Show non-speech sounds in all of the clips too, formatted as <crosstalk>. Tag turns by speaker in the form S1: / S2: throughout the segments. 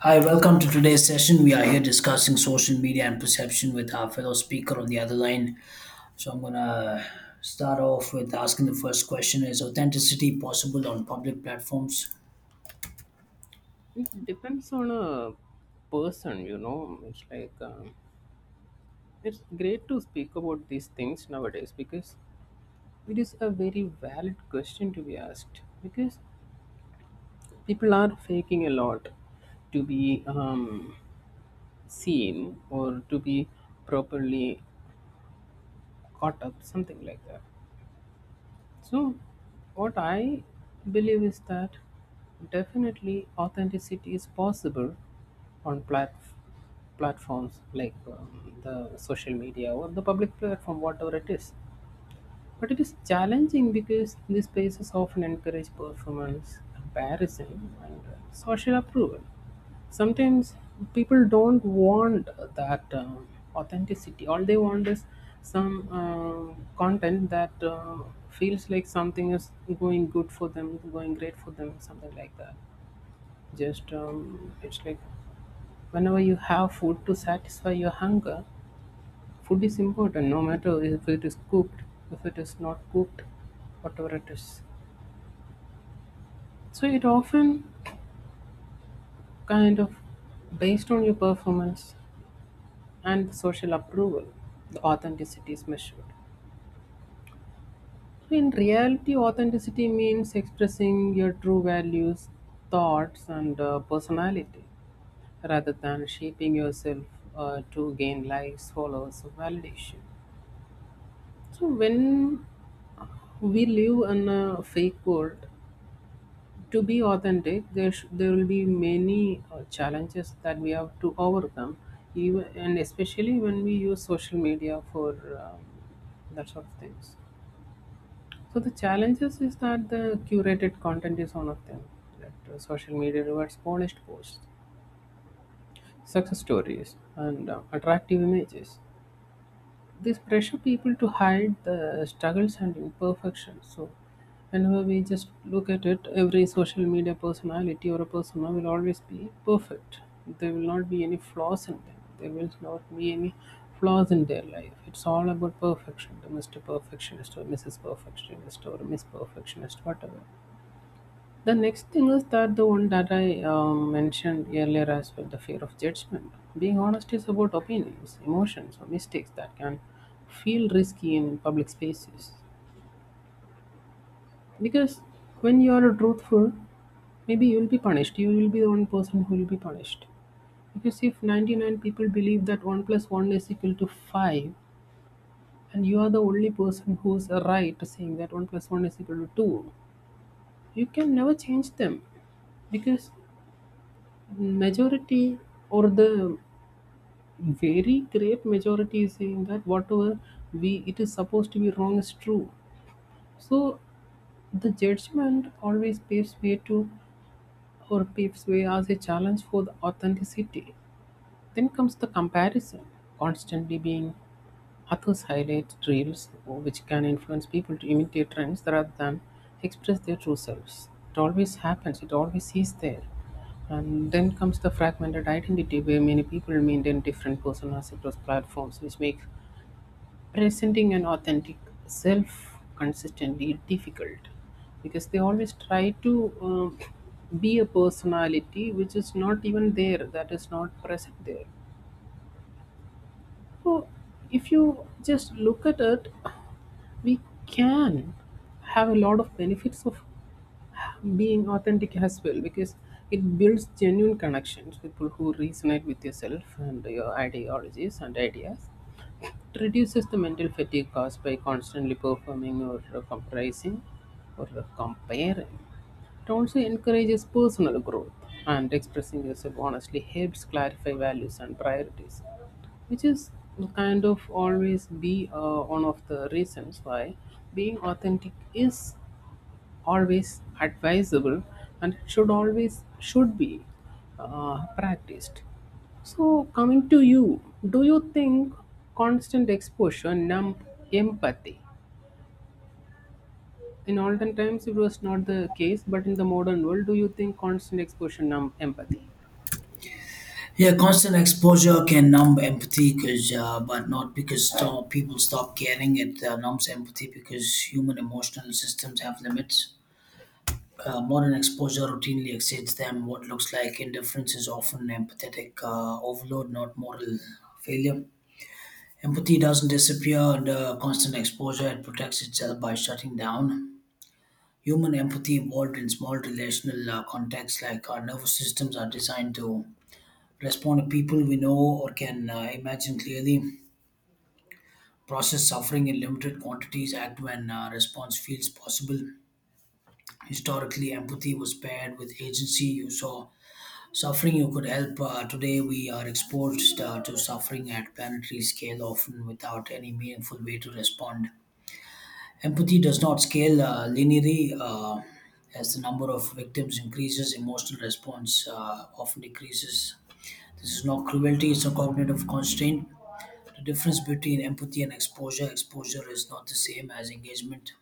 S1: Hi, welcome to today's session. We are here discussing social media and perception with our fellow speaker on the other line. So I'm gonna start off with asking the first question: Is authenticity possible on public platforms?
S2: It depends on a person, you know. It's like it's great to speak about these things nowadays because it is a very valid question to be asked because people are faking a lot to be seen or to be properly caught up, something like that. So, what I believe is that definitely authenticity is possible on platforms like the social media or the public platform, whatever it is. But it is challenging because these spaces often encourage performance, comparison, and social approval. Sometimes people don't want that authenticity. All they want is some content that feels like something is going good for them, going great for them, something like that. Just it's like whenever you have food to satisfy your hunger, food is important. No matter if it is cooked, if it is not cooked, whatever it is. So it often kind of based on your performance and social approval, the authenticity is measured. So in reality, authenticity means expressing your true values, thoughts, and personality, rather than shaping yourself to gain likes, followers, or validation. So, when we live in a fake world, to be authentic, there, there will be many challenges that we have to overcome, even, and especially when we use social media for that sort of things. So, the challenges is that the curated content is one of them, that social media rewards polished posts, success stories, and attractive images. This pressure people to hide the struggles and imperfections. So, whenever we just look at it, every social media personality or a persona will always be perfect. There will not be any flaws in them. There will not be any flaws in their life. It's all about perfection. The Mr. Perfectionist or Mrs. Perfectionist or Miss Perfectionist, whatever. The next thing is that the one that I mentioned earlier as well, the fear of judgment. Being honest is about opinions, emotions, or mistakes that can feel risky in public spaces. Because when you are truthful, maybe you will be punished. You will be the one person who will be punished. Because if 99 people believe that 1 plus 1 is equal to 5, and you are the only person who is right saying that 1 plus 1 is equal to 2, you can never change them. Because majority or the very great majority is saying that whatever we it is supposed to be wrong is true. So the judgment always paves way to, or paves way as a challenge for the authenticity. Then comes the comparison, constantly being. Authors highlight traits which can influence people to imitate trends rather than express their true selves. It always happens, it always is there. And then comes the fragmented identity where many people maintain different personas across platforms, which makes presenting an authentic self consistently difficult because they always try to be a personality which is not even there, that is not present there. So if you just look at it, we can have a lot of benefits of being authentic as well because it builds genuine connections, people who resonate with yourself and your ideologies and ideas. It reduces the mental fatigue caused by constantly performing or comprising or comparing. It also encourages personal growth, and expressing yourself honestly helps clarify values and priorities, which is kind of always be one of the reasons why being authentic is always advisable and should always should be practiced. So, coming to you, do you think constant exposure numb empathy? In olden times it was not the case, but in the modern world, do you think constant exposure numb empathy?
S1: Yeah, constant exposure can numb empathy, because but not because people stop caring. It numbs empathy because human emotional systems have limits. Modern exposure routinely exceeds them. What looks like indifference is often empathetic overload, not moral failure. Empathy doesn't disappear under constant exposure, it protects itself by shutting down. Human empathy evolved in small relational contexts, like our nervous systems are designed to respond to people we know or can imagine clearly, process suffering in limited quantities, act when response feels possible. Historically, empathy was paired with agency. You saw suffering you could help. Today, we are exposed to suffering at planetary scale, often without any meaningful way to respond. Empathy does not scale linearly. As the number of victims increases, emotional response often decreases. This is not cruelty, it's a cognitive constraint. The difference between empathy and exposure is not the same as engagement.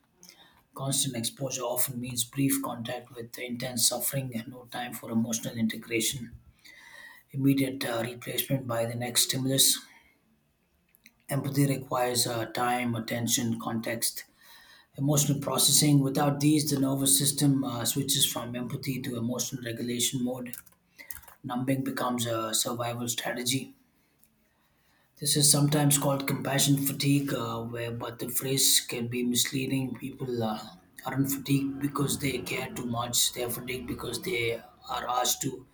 S1: Constant exposure often means brief contact with intense suffering and no time for emotional integration. Immediate replacement by the next stimulus. Empathy requires time, attention, context, emotional processing. Without these, the nervous system switches from empathy to emotional regulation mode. Numbing becomes a survival strategy. This is sometimes called compassion fatigue, where but the phrase can be misleading. People aren't fatigued because they care too much. They're fatigued because they are asked to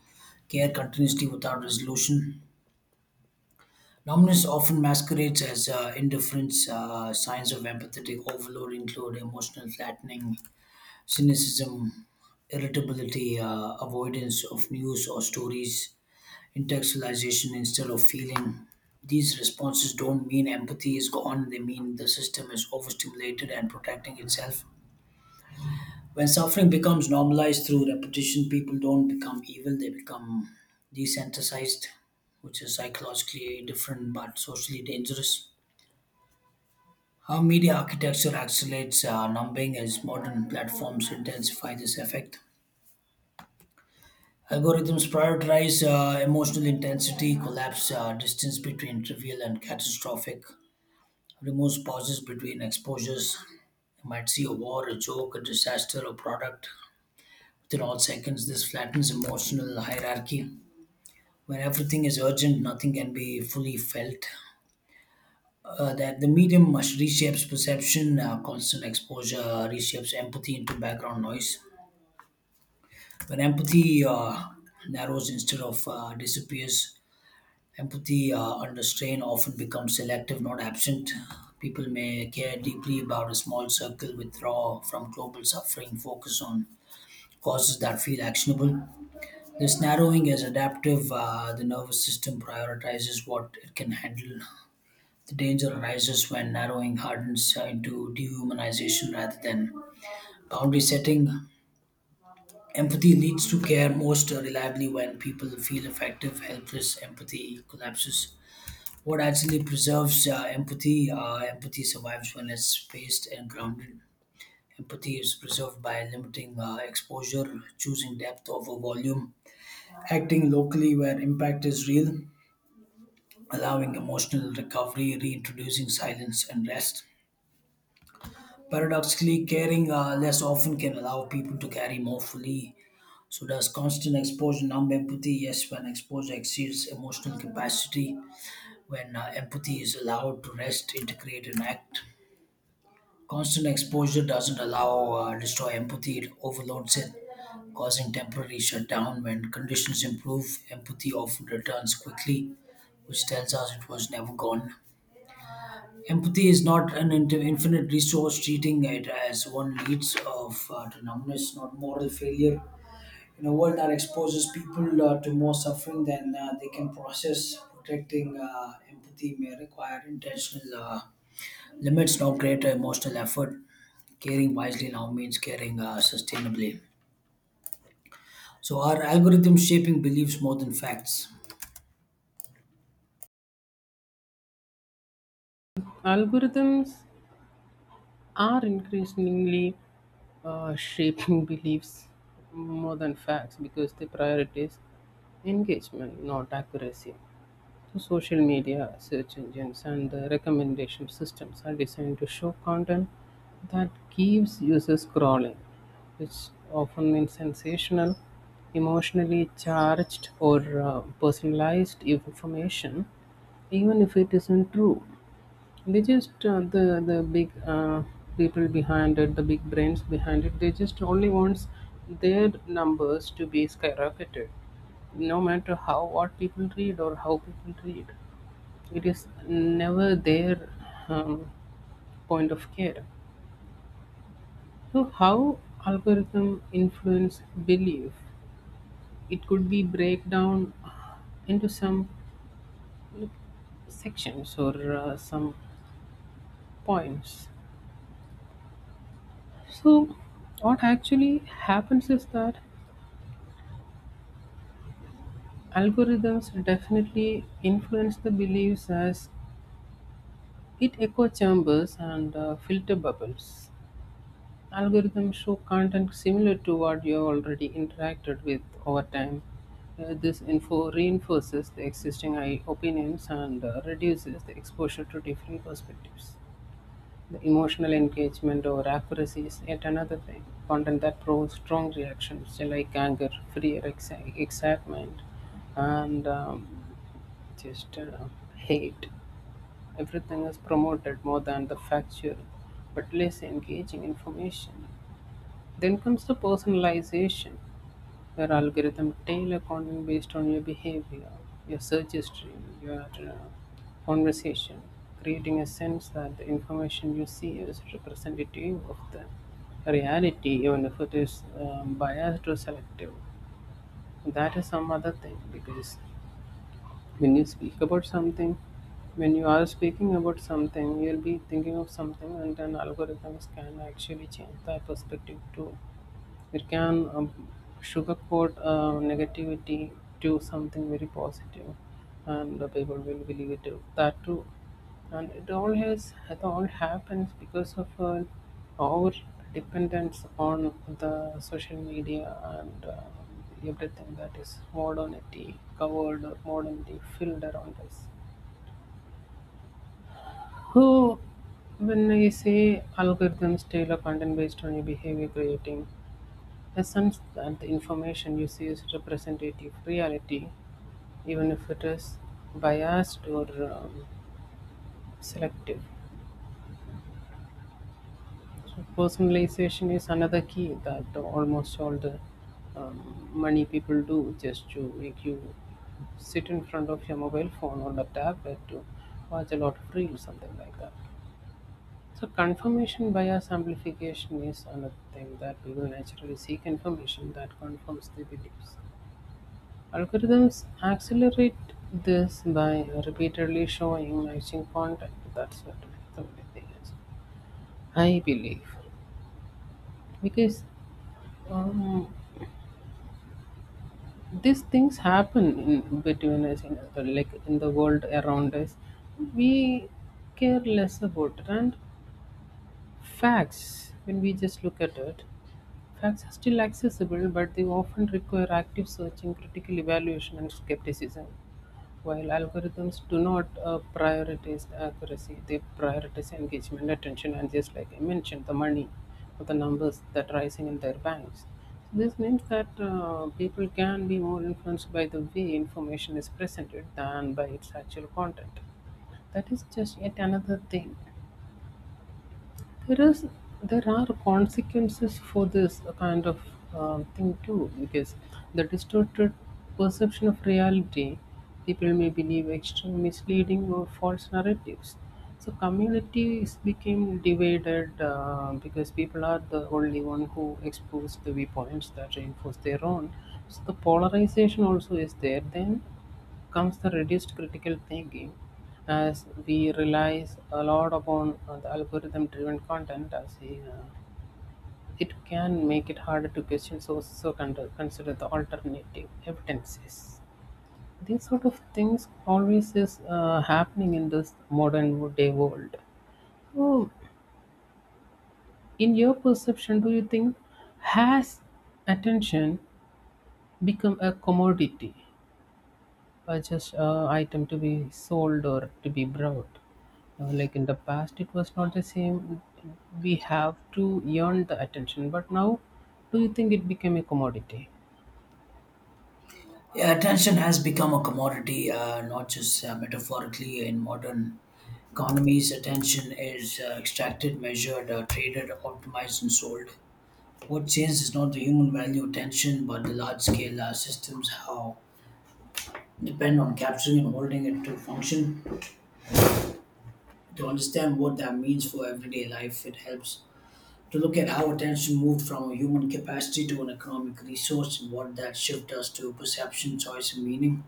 S1: care continuously without resolution. Numbness often masquerades as indifference. Signs of empathetic overload include emotional flattening, cynicism, irritability, avoidance of news or stories, intellectualization instead of feeling. These responses don't mean empathy is gone, they mean the system is overstimulated and protecting itself. When suffering becomes normalized through repetition, people don't become evil, they become desensitized, which is psychologically different but socially dangerous. How media architecture accelerates numbing as modern platforms intensify this effect. Algorithms prioritize emotional intensity, collapse distance between trivial and catastrophic, removes pauses between exposures. You might see a war, a joke, a disaster, a product. Within all seconds, this flattens emotional hierarchy. When everything is urgent, nothing can be fully felt. That the medium must reshapes perception, constant exposure reshapes empathy into background noise. When empathy narrows instead of disappears, empathy under strain often becomes selective, not absent. People may care deeply about a small circle, withdraw from global suffering, focus on causes that feel actionable. This narrowing is adaptive. The nervous system prioritizes what it can handle. The danger arises when narrowing hardens into dehumanization rather than boundary setting. Empathy leads to care most reliably when people feel effective, helpless. Empathy collapses. What actually preserves empathy? Empathy survives when it's spaced and grounded. Empathy is preserved by limiting exposure, choosing depth over volume, acting locally where impact is real, allowing emotional recovery, reintroducing silence and rest. Paradoxically, caring less often can allow people to carry more fully. So, does constant exposure numb empathy? Yes, when exposure exceeds emotional capacity, when empathy is allowed to rest, integrate, and act. Constant exposure doesn't allow or destroy empathy, it overloads it, causing temporary shutdown. When conditions improve, empathy often returns quickly, which tells us it was never gone. Empathy is not an infinite resource, treating it as one leads of to numbness, not moral failure. In a world that exposes people to more suffering than they can process, protecting empathy may require intentional. Limits now create emotional effort. Caring wisely now means caring sustainably. So our algorithms shaping beliefs more than facts.
S2: Algorithms are increasingly shaping <laughs> beliefs more than facts because they prioritize engagement, not accuracy. So social media, search engines, and the recommendation systems are designed to show content that keeps users scrolling, which often means sensational, emotionally charged, or personalized information, even if it isn't true. They just the big people behind it, the big brains behind it, they just only wants their numbers to be skyrocketed, no matter how what people read or how people read. It is never their um, point of care. So how algorithm influence belief? It could be break down into some sections or some points. So what actually happens is that algorithms definitely influence the beliefs as it echo chambers and filter bubbles. Algorithms show content similar to what you have already interacted with over time. This info reinforces the existing opinions and reduces the exposure to different perspectives. The emotional engagement or accuracy is yet another thing. Content that provokes strong reactions like anger, fear, excitement, and just hate. Everything is promoted more than the factual but less engaging information. Then comes the personalization, where algorithm tailor content based on your behavior, your search history, your conversation, creating a sense that the information you see is representative of the reality, even if it is biased or selective. That is some other thing because when you speak about something, when you are speaking about something, you'll be thinking of something, and then algorithms can actually change that perspective too. It can sugarcoat negativity to something very positive, and the people will believe it too, that too. And it all happens because of our dependence on the social media and everything that is modernity covered or modernity filled around us. Who, when I say algorithms tailor content based on your behavior creating, assumes that the information you see is representative reality, even if it is biased or um, selective. So personalization is another key that almost all the money people do just to make you sit in front of your mobile phone or the tablet to watch a lot of reels, something like that. So confirmation bias amplification is another thing, that we will naturally seek information that confirms the beliefs. Algorithms accelerate this by repeatedly showing matching content. That's what the only thing is, I believe, because um, these things happen in between us, in the, like in the world around us. We care less about it, and facts, when we just look at it, facts are still accessible, but they often require active searching, critical evaluation, and skepticism. While algorithms do not prioritize accuracy, they prioritize engagement, attention, and just like I mentioned, the money or the numbers that are rising in their banks. So this means that people can be more influenced by the way information is presented than by its actual content. That is just yet another thing. There is there are consequences for this kind of thing too, because the distorted perception of reality, people may believe extreme misleading or false narratives. So communities became divided because people are the only one who expose the viewpoints that reinforce their own. So the polarization also is there. Then comes the reduced critical thinking, as we relies a lot upon the algorithm driven content. It can make it harder to question sources or consider the alternative evidences. These sort of things always is happening in this modern day world. So, in your perception, do you think has attention become a commodity, just item to be sold or to be brought? Like in the past, it was not the same. We have to earn the attention, but now, do you think it became a commodity?
S1: Yeah, attention has become a commodity, not just metaphorically in modern economies. Attention is extracted, measured, traded, optimized, and sold. What changes is not the human value attention, but the large-scale systems how depend on capturing and holding it to function. To understand what that means for everyday life, it helps to look at how attention moved from a human capacity to an economic resource and what that shift does to perception, choice, and meaning.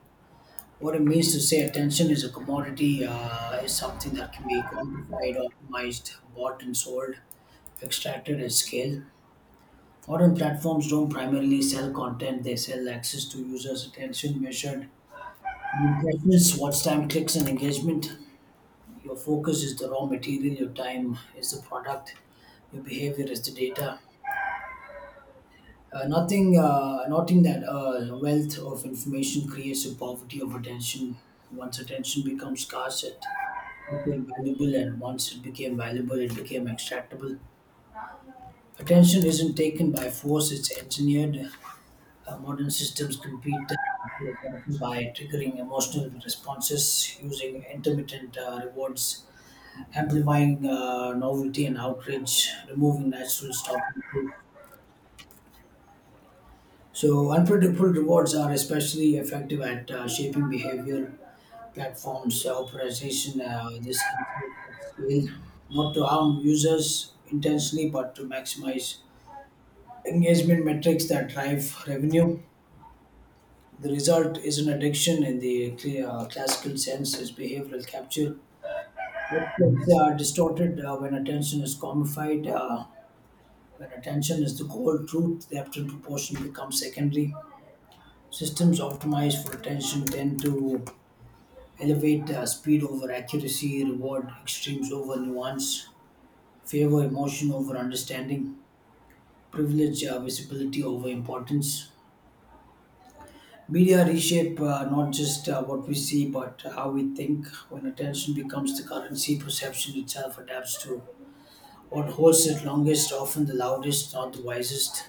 S1: What it means to say attention is a commodity is something that can be quantified, optimized, bought and sold, extracted at scale. Modern platforms don't primarily sell content, they sell access to users' attention measured in impressions, watch time, clicks, and engagement. Your focus is the raw material, your time is the product, your behavior is the data. Nothing, Noting that wealth of information creates a poverty of attention. Once attention becomes scarce, it became valuable, and once it became valuable, it became extractable. Attention isn't taken by force, it's engineered. Modern systems compete for attention by triggering emotional responses, using intermittent rewards, amplifying novelty and outrage, removing natural stopping. So, unpredictable rewards are especially effective at shaping behavior. Platforms, optimization, this includes at scale, not to harm users intentionally, but to maximize engagement metrics that drive revenue. The result is an addiction in the clear, classical sense, is behavioral capture. It gets distorted when attention is commodified. When attention is the core truth, the absolute proportion becomes secondary. Systems optimized for attention tend to elevate speed over accuracy, reward extremes over nuance, favor emotion over understanding, privilege visibility over importance. Media reshape not just what we see but how we think. When attention becomes the currency, perception itself adapts to what holds it longest, often the loudest, not the wisest.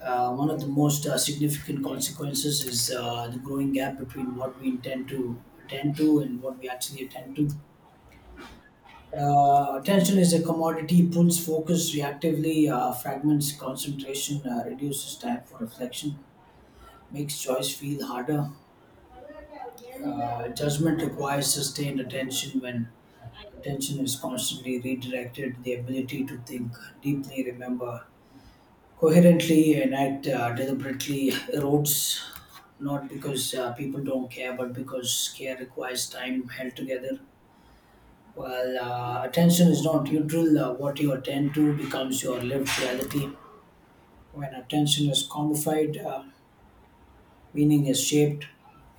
S1: One of the most significant consequences is the growing gap between what we intend to attend to and what we actually attend to. Attention is a commodity, pulls focus reactively, fragments concentration, reduces time for reflection, makes choice feel harder. Judgment requires sustained attention when attention is constantly redirected. The ability to think deeply, remember, coherently and act deliberately erodes not because people don't care but because care requires time held together while attention is not neutral. What you attend to becomes your lived reality when attention is commodified, meaning is shaped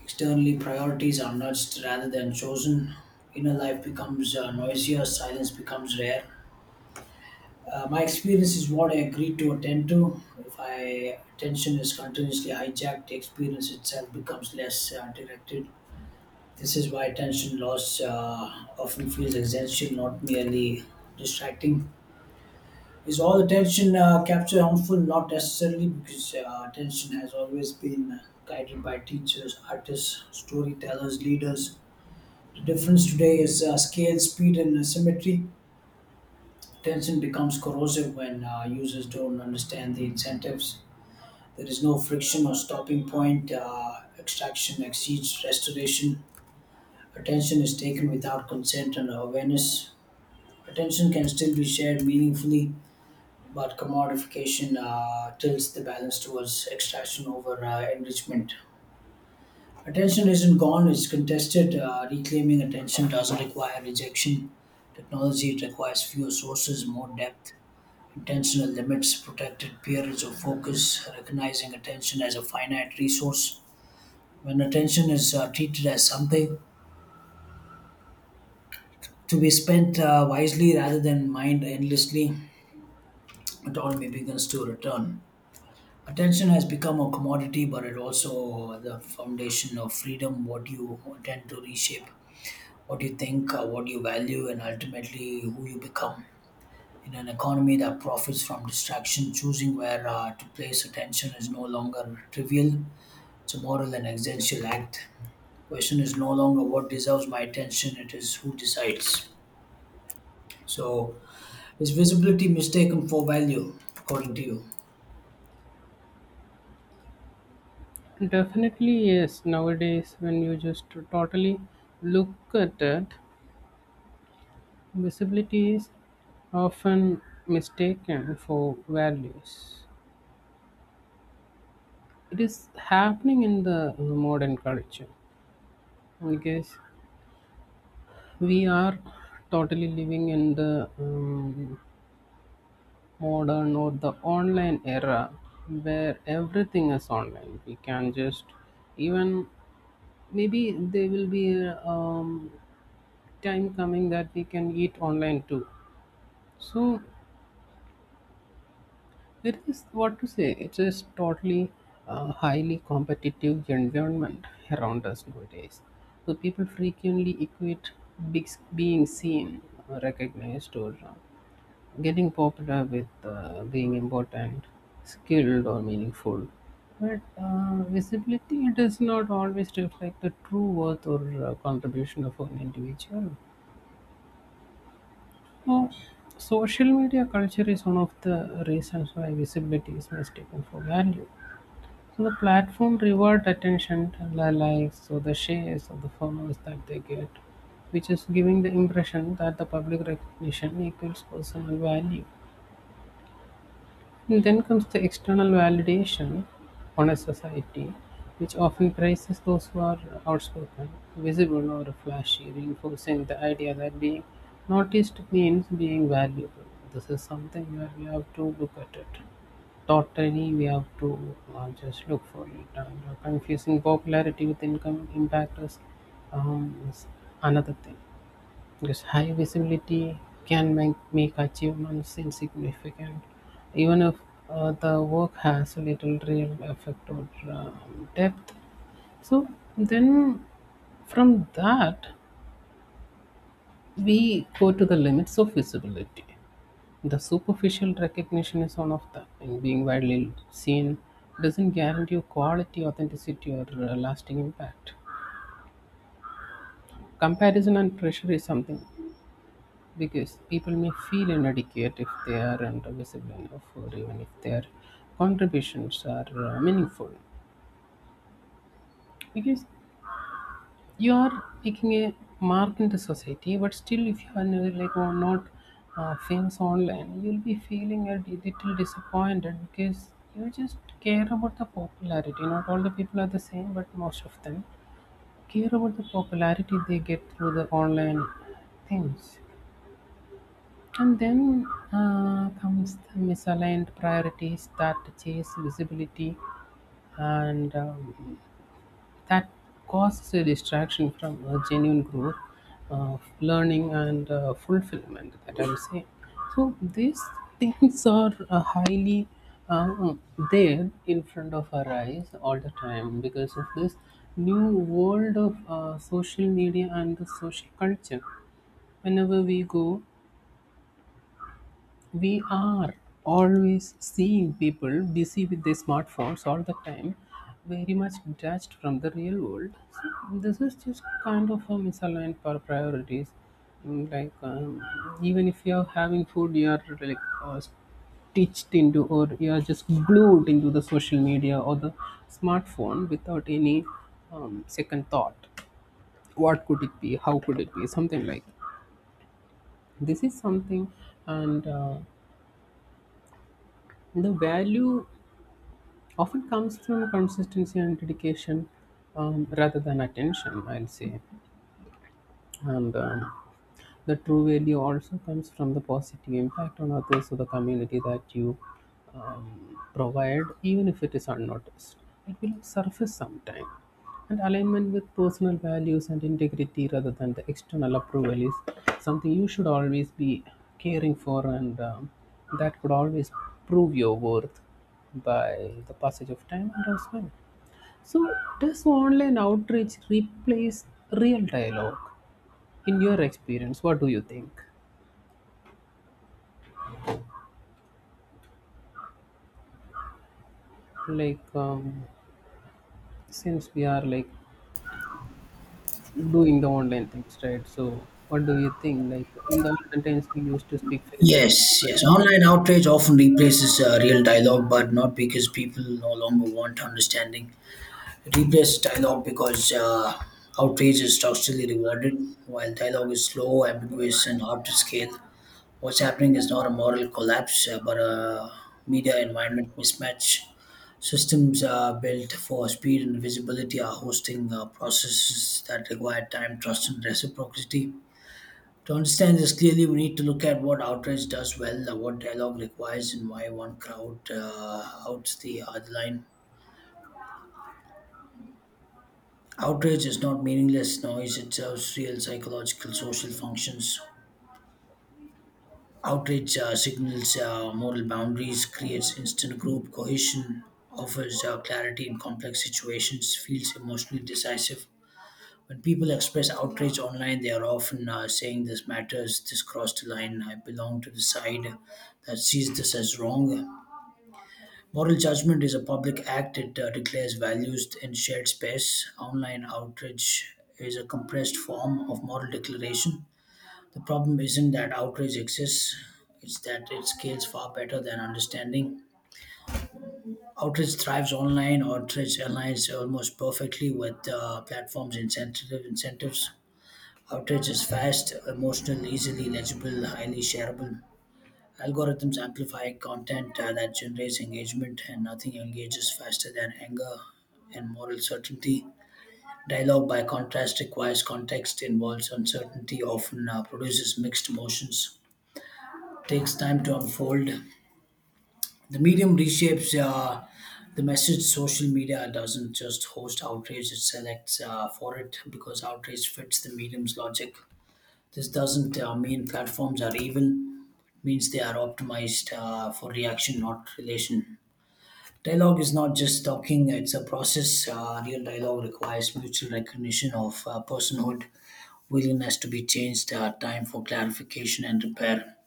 S1: externally, priorities are nudged rather than chosen, inner life becomes noisier, silence becomes rare. My experience is what I agreed to attend to. If my attention is continuously hijacked, the experience itself becomes less directed. This is why attention loss often feels essential, not merely distracting. Is all attention capture harmful? Not necessarily, because attention has always been guided by teachers, artists, storytellers, leaders. The difference today is scale, speed, and symmetry. Tension becomes corrosive when users don't understand the incentives. There is no friction or stopping point. Extraction exceeds restoration. Attention is taken without consent and awareness. Attention can still be shared meaningfully, but commodification tilts the balance towards extraction over enrichment. Attention isn't gone, it's contested. Reclaiming attention doesn't require rejection. Technology it requires fewer sources, more depth. Intentional limits protected periods of focus, recognizing attention as a finite resource. When attention is treated as something to be spent wisely rather than mined endlessly, autonomy begins to return. Attention has become a commodity, but it also the foundation of freedom. What you tend to reshape, what you think, what you value, and ultimately who you become. In an economy that profits from distraction, choosing where to place attention is no longer trivial. It's a moral and existential act. The question is no longer what deserves my attention, it is who decides. So, is visibility mistaken for value, according to you?
S2: Definitely, yes. Nowadays, when you just totally look at it, visibility is often mistaken for values. It is happening in the modern culture, I guess. We are totally living in the modern or the online era where everything is online. We can just even maybe there will be a time coming that we can eat online too. So it is what to say. It is totally highly competitive environment around us nowadays. So people frequently equate big, being seen, recognized, or getting popular with being important, skilled, or meaningful. But visibility does not always reflect the true worth or contribution of an individual. So, social media culture is one of the reasons why visibility is mistaken for value. So, the platform reward attention, the likes, or the shares, or the followers that they get, which is giving the impression that the public recognition equals personal value. And then comes the external validation on a society, which often praises those who are outspoken, visible, or flashy, reinforcing the idea that being noticed means being valuable. This is something where we have to look at it. Totally, we have to just look for it. And confusing popularity with income impact is another thing. Because high visibility can make achievements insignificant, even if the work has little real effect or depth. So then, from that, we go to the limits of visibility. The superficial recognition is one of that, and being widely seen doesn't guarantee you quality, authenticity, or lasting impact. Comparison and pressure is something because people may feel inadequate if they aren't visible enough, or even if their contributions are meaningful. Because you are making a mark in the society, but still if you are like or not famous online, you'll be feeling a little disappointed because you just care about the popularity. Not all the people are the same, but most of them care about the popularity they get through the online things. And then comes the misaligned priorities that chase visibility and that causes a distraction from genuine growth, learning, and fulfillment, that I would say. So these things are highly um, there in front of our eyes all the time because of this new world of social media and the social culture. Whenever we go, we are always seeing people busy with their smartphones all the time, very much detached from the real world. So this is just kind of a misaligned priorities. Like even if you're having food, you're like uh, stitched into or you're just glued into the social media or the smartphone without any second thought. What could it be? How could it be? Something like that. This is something, and the value often comes from consistency and dedication rather than attention, I'll say. And the true value also comes from the positive impact on others or the community that you provide, even if it is unnoticed. It will surface sometime. And alignment with personal values and integrity rather than the external approval is something you should always be caring for, and that could always prove your worth by the passage of time and as well. So, does online outreach replace real dialogue? In your experience, what do you think? Like since we are like doing the online things, right? So what do you think? Like in the olden times we used to speak face to face,
S1: Yes,
S2: but
S1: yes.
S2: now
S1: Online outrage often replaces real dialogue, but not because people no longer want understanding. It replaces dialogue because outrage is structurally rewarded, while dialogue is slow, ambiguous, and hard to scale. What's happening is not a moral collapse, but a media environment mismatch. Systems built for speed and visibility are hosting processes that require time, trust, and reciprocity. To understand this clearly, we need to look at what outrage does well, what dialogue requires, and why one crowd outs the other line. Outrage is not meaningless noise, it serves real psychological, social functions. Outrage signals moral boundaries, creates instant group cohesion, offers clarity in complex situations, feels emotionally decisive. When people express outrage online, they are often saying this matters, this crossed the line, I belong to the side that sees this as wrong. Moral judgment is a public act, it declares values in shared space. Online outrage is a compressed form of moral declaration. The problem isn't that outrage exists, it's that it scales far better than understanding. Outrage thrives online, outrage aligns almost perfectly with platforms' incentives. Outrage is fast, emotional, easily legible, highly shareable. Algorithms amplify content that generates engagement, and nothing engages faster than anger and moral certainty. Dialogue, by contrast, requires context, involves uncertainty, often produces mixed emotions, takes time to unfold. The medium reshapes the message. Social media doesn't just host outrage, it selects for it because outrage fits the medium's logic. This doesn't mean platforms are evil, means they are optimized for reaction, not relation. Dialogue is not just talking, it's a process. Real dialogue requires mutual recognition of personhood, willingness to be changed, time for clarification and repair,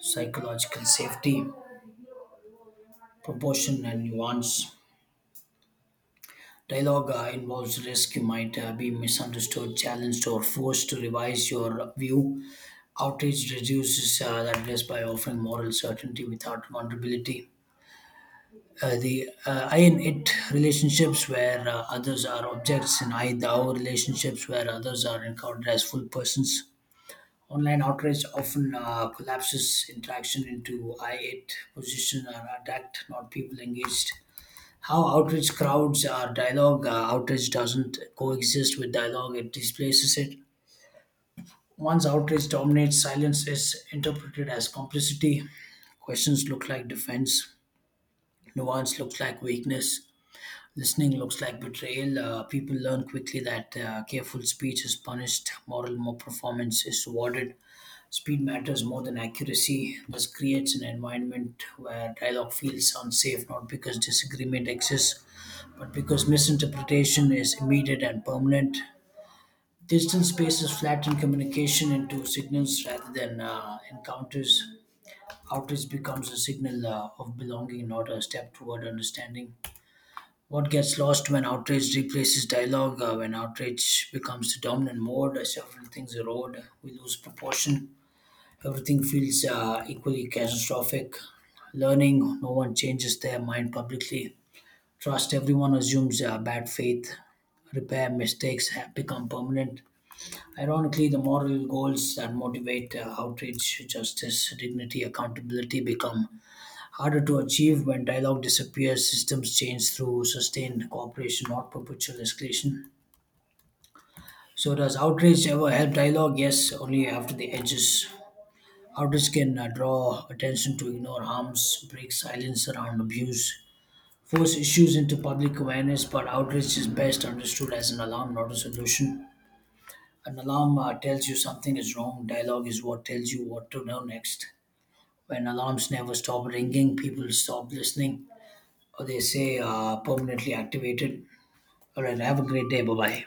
S1: psychological safety, proportion and nuance. Dialogue involves risk. You might be misunderstood, challenged, or forced to revise your view. Outreach reduces that risk by offering moral certainty without vulnerability. The I and it relationships where others are objects and I thou relationships where others are encountered as full persons. Online outrage often collapses interaction into I it position or attacked, not people engaged. How outrage crowds are dialogue, outrage doesn't coexist with dialogue, it displaces it. Once outrage dominates, silence is interpreted as complicity. Questions look like defense, nuance looks like weakness, listening looks like betrayal. People learn quickly that careful speech is punished, performance is rewarded. Speed matters more than accuracy. This creates an environment where dialogue feels unsafe, not because disagreement exists, but because misinterpretation is immediate and permanent. Digital spaces flatten communication into signals rather than encounters. Outreach becomes a signal of belonging, not a step toward understanding. What gets lost when outrage replaces dialogue, when outrage becomes the dominant mode, several things erode, we lose proportion. Everything feels equally catastrophic. Learning, no one changes their mind publicly. Trust, everyone assumes bad faith. Repair mistakes have become permanent. Ironically, the moral goals that motivate outreach, justice, dignity, accountability become harder to achieve when dialogue disappears, systems change through sustained cooperation, not perpetual escalation. So, does outreach ever help dialogue? Yes, only after the edges. Outreach can draw attention to ignore harms, break silence around abuse, force issues into public awareness, but outreach is best understood as an alarm, not a solution. An alarm tells you something is wrong. Dialogue is what tells you what to do next. When alarms never stop ringing, people stop listening, or they say permanently activated. All right, have a great day. Bye bye.